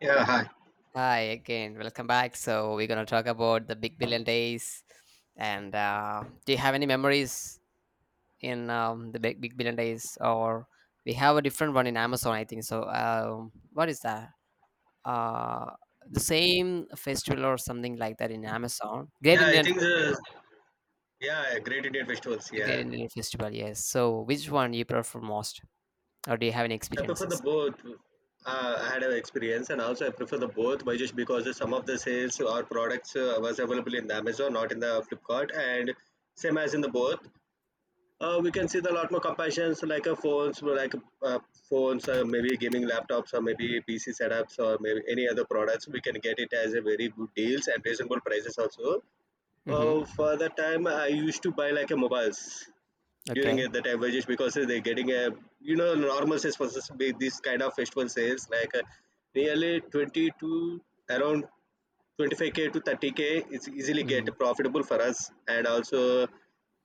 Yeah, hi. Hi again, welcome back. So we're gonna talk about the Big Billion Days, and do you have any memories in the Big Billion Days? Or we have a different one in Amazon, I think. So what is that? Uh, the same festival or something like that in Amazon? Yeah, I think the yeah, Great Indian Festivals. The Great Yeah, Indian Festival, yes. So which one you prefer most, or do you have any I prefer the experiences? both. I had an experience, and also I prefer the both by just because the some of the sales or products was available in the Amazon, not in the Flipkart, and same as in the both. We can see the lot more comparisons like uh, phones, maybe gaming laptops, or maybe PC setups, or maybe any other products. We can get it as a very good deals and reasonable prices also. Mm-hmm. For the time, I used to buy like a mobiles. During Okay. at the time just because they're getting a normal sales process with this kind of festival sales like nearly 20 to around 25K to 30K is easily get Mm-hmm. profitable for us, and also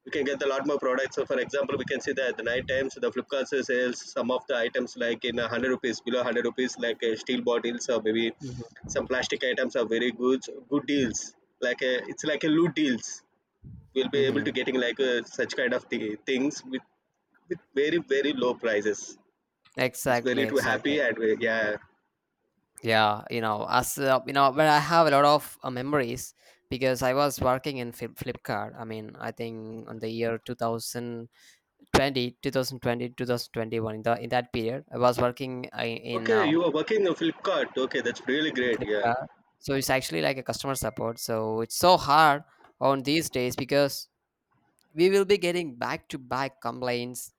we can get a lot more products. So for example, we can see that at the night times the flipkart sales some of the items like in 100 rupees, below 100 rupees, like steel bottles or maybe Mm-hmm. some plastic items are very good deals, like it's like a loot deals. We'll be able to Mm-hmm. getting like such kind of things with very low prices. It's Exactly. very too Exactly. happy, and yeah. yeah you know as you know but I have a lot of memories because I was working in Flipkart. I mean, I think on the year two thousand twenty, 2021. In that period I was working in Okay, you um are working on Flipkart. Okay, that's really in great. Yeah, Flipkart. So it's actually like a customer support, so it's so hard on these days, because we will be getting back to back complaints,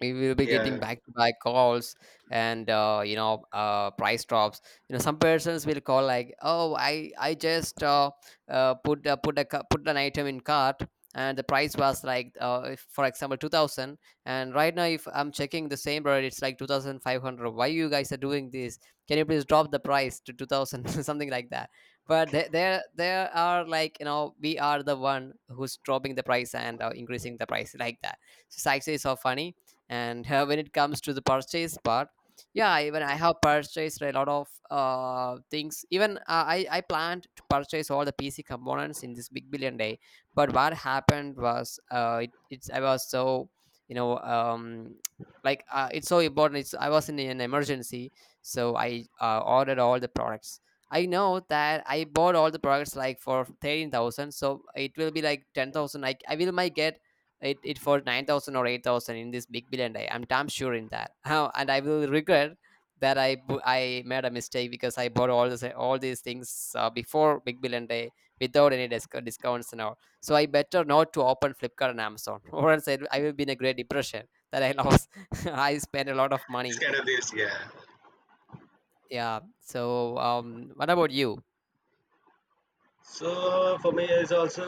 we will be getting yeah. back to back calls, and price drops. Some persons will call, like, oh, I just put an item in cart, and the price was like, if, for example, 2000, and right now, if I'm checking the same product, it's like 2500. Why you guys are doing this? Can you please drop the price to 2000? Something like that. But there are, like, we are the one who's dropping the price and increasing the price like that. So it's actually so funny. And when it comes to the purchase part, yeah, even I have purchased a lot of things. Even I planned to purchase all the PC components in this Big Billion Day. But what happened was, it's I was so, you know um like, it's so important. It's I was in an emergency. So I ordered all the products. I know that I bought all the products like for 13,000, so it will be like 10,000. I will might get it for 9000 or 8000 in this Big Billion Day. I'm damn sure in that. How! And I will regret that I made a mistake because I bought all these things before Big Billion Day without any discounts and all. So I better not to open Flipkart and Amazon. Or else I will be in a great depression, that I lost, I spent a lot of This money. kind of this. Yeah. Yeah. So what about you? So for me, it's also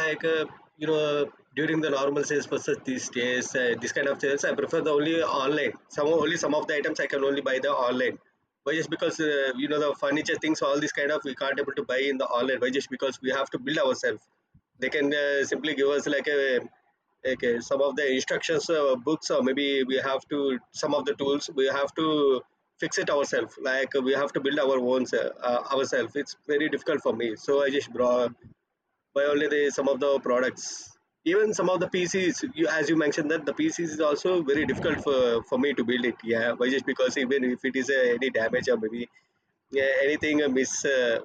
like you know during the normal sales process these days, this kind of sales I prefer the only online. Some only some of the items I can only buy the online. Why? Just because the furniture things, all this kind of we can't able to buy in the online. Why? Just because we have to build ourselves. They can simply give us like a okay some of the instructions books, or maybe we have to some of the tools we have to fix it ourselves, like we have to build our own ourselves. It's very difficult for me, so I just brought by only the some of the products. Even some of the pcs, you, as you mentioned that the pcs is also very difficult for me to build it. Yeah, why? Just because even if it is any damage, or maybe yeah, anything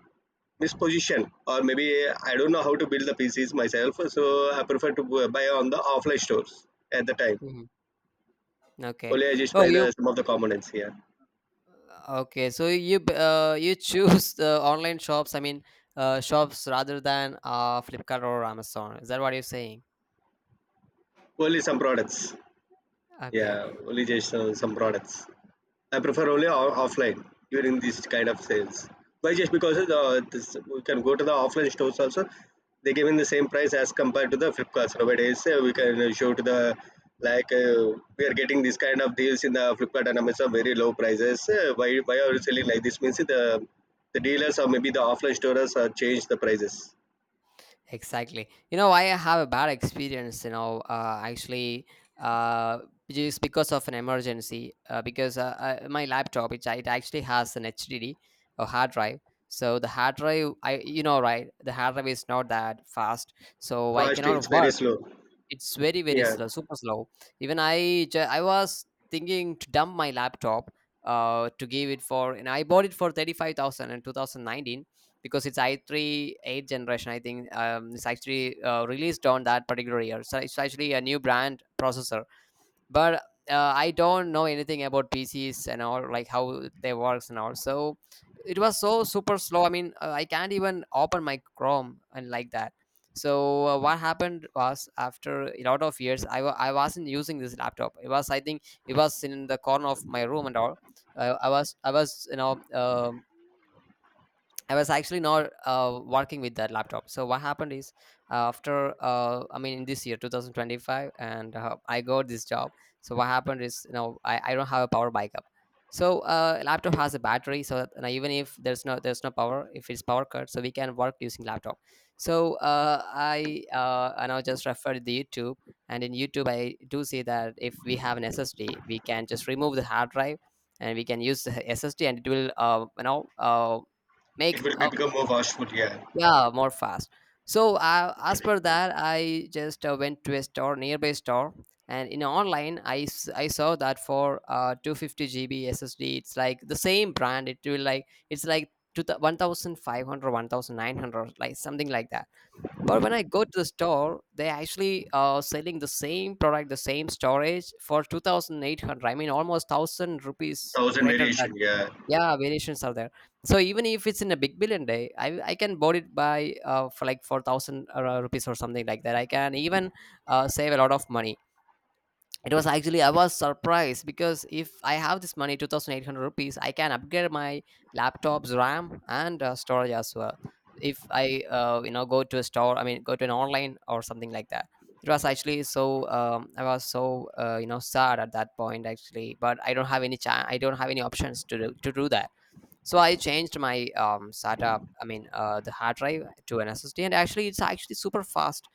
misposition, or maybe I don't know how to build the pcs myself. So I prefer to buy on the offline stores at the time. Mhm. Okay. Only I just oh buy you the some of the components here. Okay, so you choose the online shops. I mean, shops rather than Flipkart or Amazon. Is that what you're saying? Only some products. Yeah, Okay. only just some products I preferably offline during these kind of sales. Why? Just because of the, this, we can go to the offline stores also. They give in the same price as compared to the Flipkart nowadays. We can show to the like we are getting this kind of deals in the Flipkart and Amazon very low prices. Why are you selling like this? Means the dealers, or maybe the offline stores are change the prices. Exactly. I have a bad experience, actually, uh, just because of an emergency, because my laptop, it actually has an HDD or hard drive. So the hard drive, right, the hard drive is not that fast. So I Fast, it's cannot very work. slow. It's very, very Yeah, slow, super slow. Even I was thinking to dump my laptop, to give it for, and I bought it for 35,000 in 2019, because it's i3 8th generation, I think. It's actually released on that particular year. So it's actually a new brand processor, but I don't know anything about PCs and all, like how they works and all. So it was so super slow. I mean, I can't even open my Chrome and like that. So what happened was, after a lot of years, I wasn't using this laptop. It was, I think, it was in the corner of my room and all. i, I was i was you know um I was actually not working with that laptop. So what happened is, after, I mean, in this year 2025, and I got this job. So what happened is, I don't have a power backup. So laptop has a battery. So that, and even if there's no power, if it's power cut, so we can work using laptop. So I now just referred the YouTube, and in YouTube I do see that if we have an SSD, we can just remove the hard drive and we can use the SSD, and it will it make will a, become more fastful. Yeah, yeah, more fast. So as per that, I just went to a store, nearby store, and in online, I saw that for 250 GB SSD, it's like the same brand, it's like 1500, 1900, like something like that. But when I go to the store, they actually selling the same product, the same storage, for 2800. I mean almost 1000 rupees thousand greater variation. than. Yeah. Yeah, variations are there. So even if it's in a Big Billion Day, I can board it by for like 4000 rupees or something like that. I can even save a lot of money. It was actually I was surprised because if I have this money, 2,800 rupees, I can upgrade my laptop's RAM and storage as well. If I go to a store, I mean, go to an online or something like that. It was actually so I was so sad at that point, actually. But I don't have any chance. I don't have any options to do that. So I changed my SATA, I mean the hard drive, to an SSD, and actually, it's actually super fast.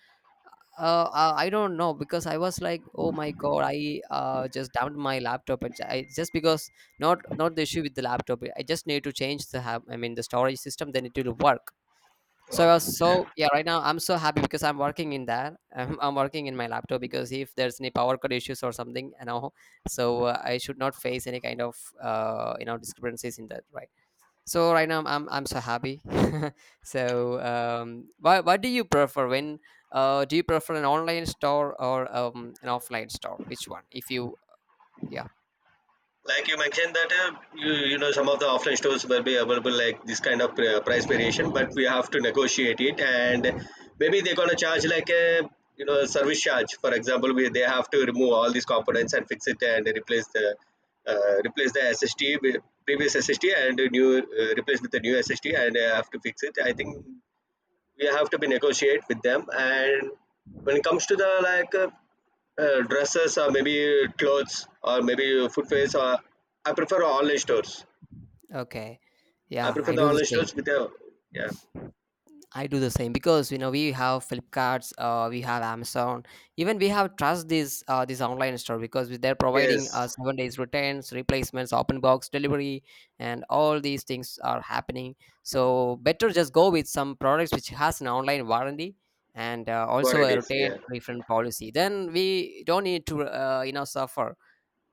I don't know, because I was like, oh my god, I just dumped my laptop. Just because, not the issue with the laptop, I just need to change the I mean the storage system, then it will work. So I was Okay. so yeah, right now I'm so happy because I'm working in that. I'm working in my laptop, because if there's any power cut issues or something, so I should not face any kind of discrepancies in that, right? So right now I'm so happy. So what do you prefer? When do you prefer an online store or an offline store? Which one? If you Yeah. Like you mentioned that you, you know some of the offline stores will be available like this kind of price variation, but we have to negotiate it, and maybe they're gonna charge like a service charge. For example, we they have to remove all these components and fix it and replace the SSD with previous SSD, and a new replace with the new SSD, and have to fix it. I think we have to be negotiate with them. And when it comes to the like dresses, or maybe clothes, or maybe footwears, or I prefer online stores. Okay. I Yeah, prefer I the do the online stores same. with the yeah. I do the same because we have Flipkarts, we have Amazon, even we have trust these this online store because they're Yes, providing 7 days returns, replacements, open box delivery, and all these things are happening. So better just go with some products which has an online warranty and what also it a is. return Yeah. refund policy. Then we don't need to suffer.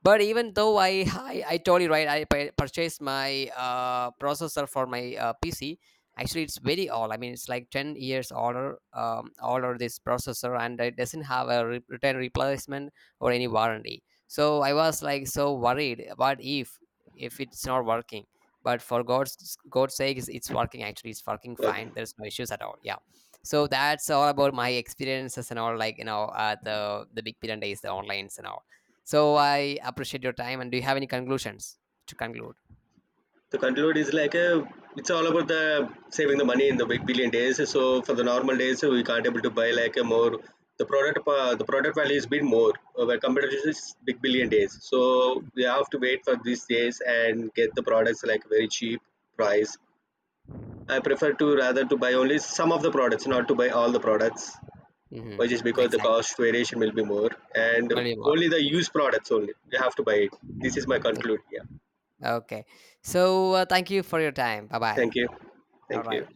But even though I told you right, I purchased my processor for my PC. Actually, it's very old. I mean, it's like 10 years older, this processor, and it doesn't have a return replacement or any warranty. So I was like so worried. What if it's not working? But for God's sake, it's working. Actually, it's working Okay. fine. There's no issues at all. Yeah. So that's all about my experiences and all. Like, at the Big Billion Days, the online and all. So I appreciate your time. And do you have any conclusions to conclude? To conclude, is like a, it's all about the saving the money in the big billion days. So for the normal days, we can't able to buy like a more the product. The product value is bit more when compared to this big billion days. So we have to wait for these days and get the products like very cheap price. I prefer to rather to buy only some of the products, not to buy all the products, which Mm-hmm. is because the Exactly. cost variation will be more. And Valuable. only the used products only, we have to buy it. This is my Ex- conclude. Yeah. Okay. So thank you for your time. Bye bye. Thank you. All Thank you. right.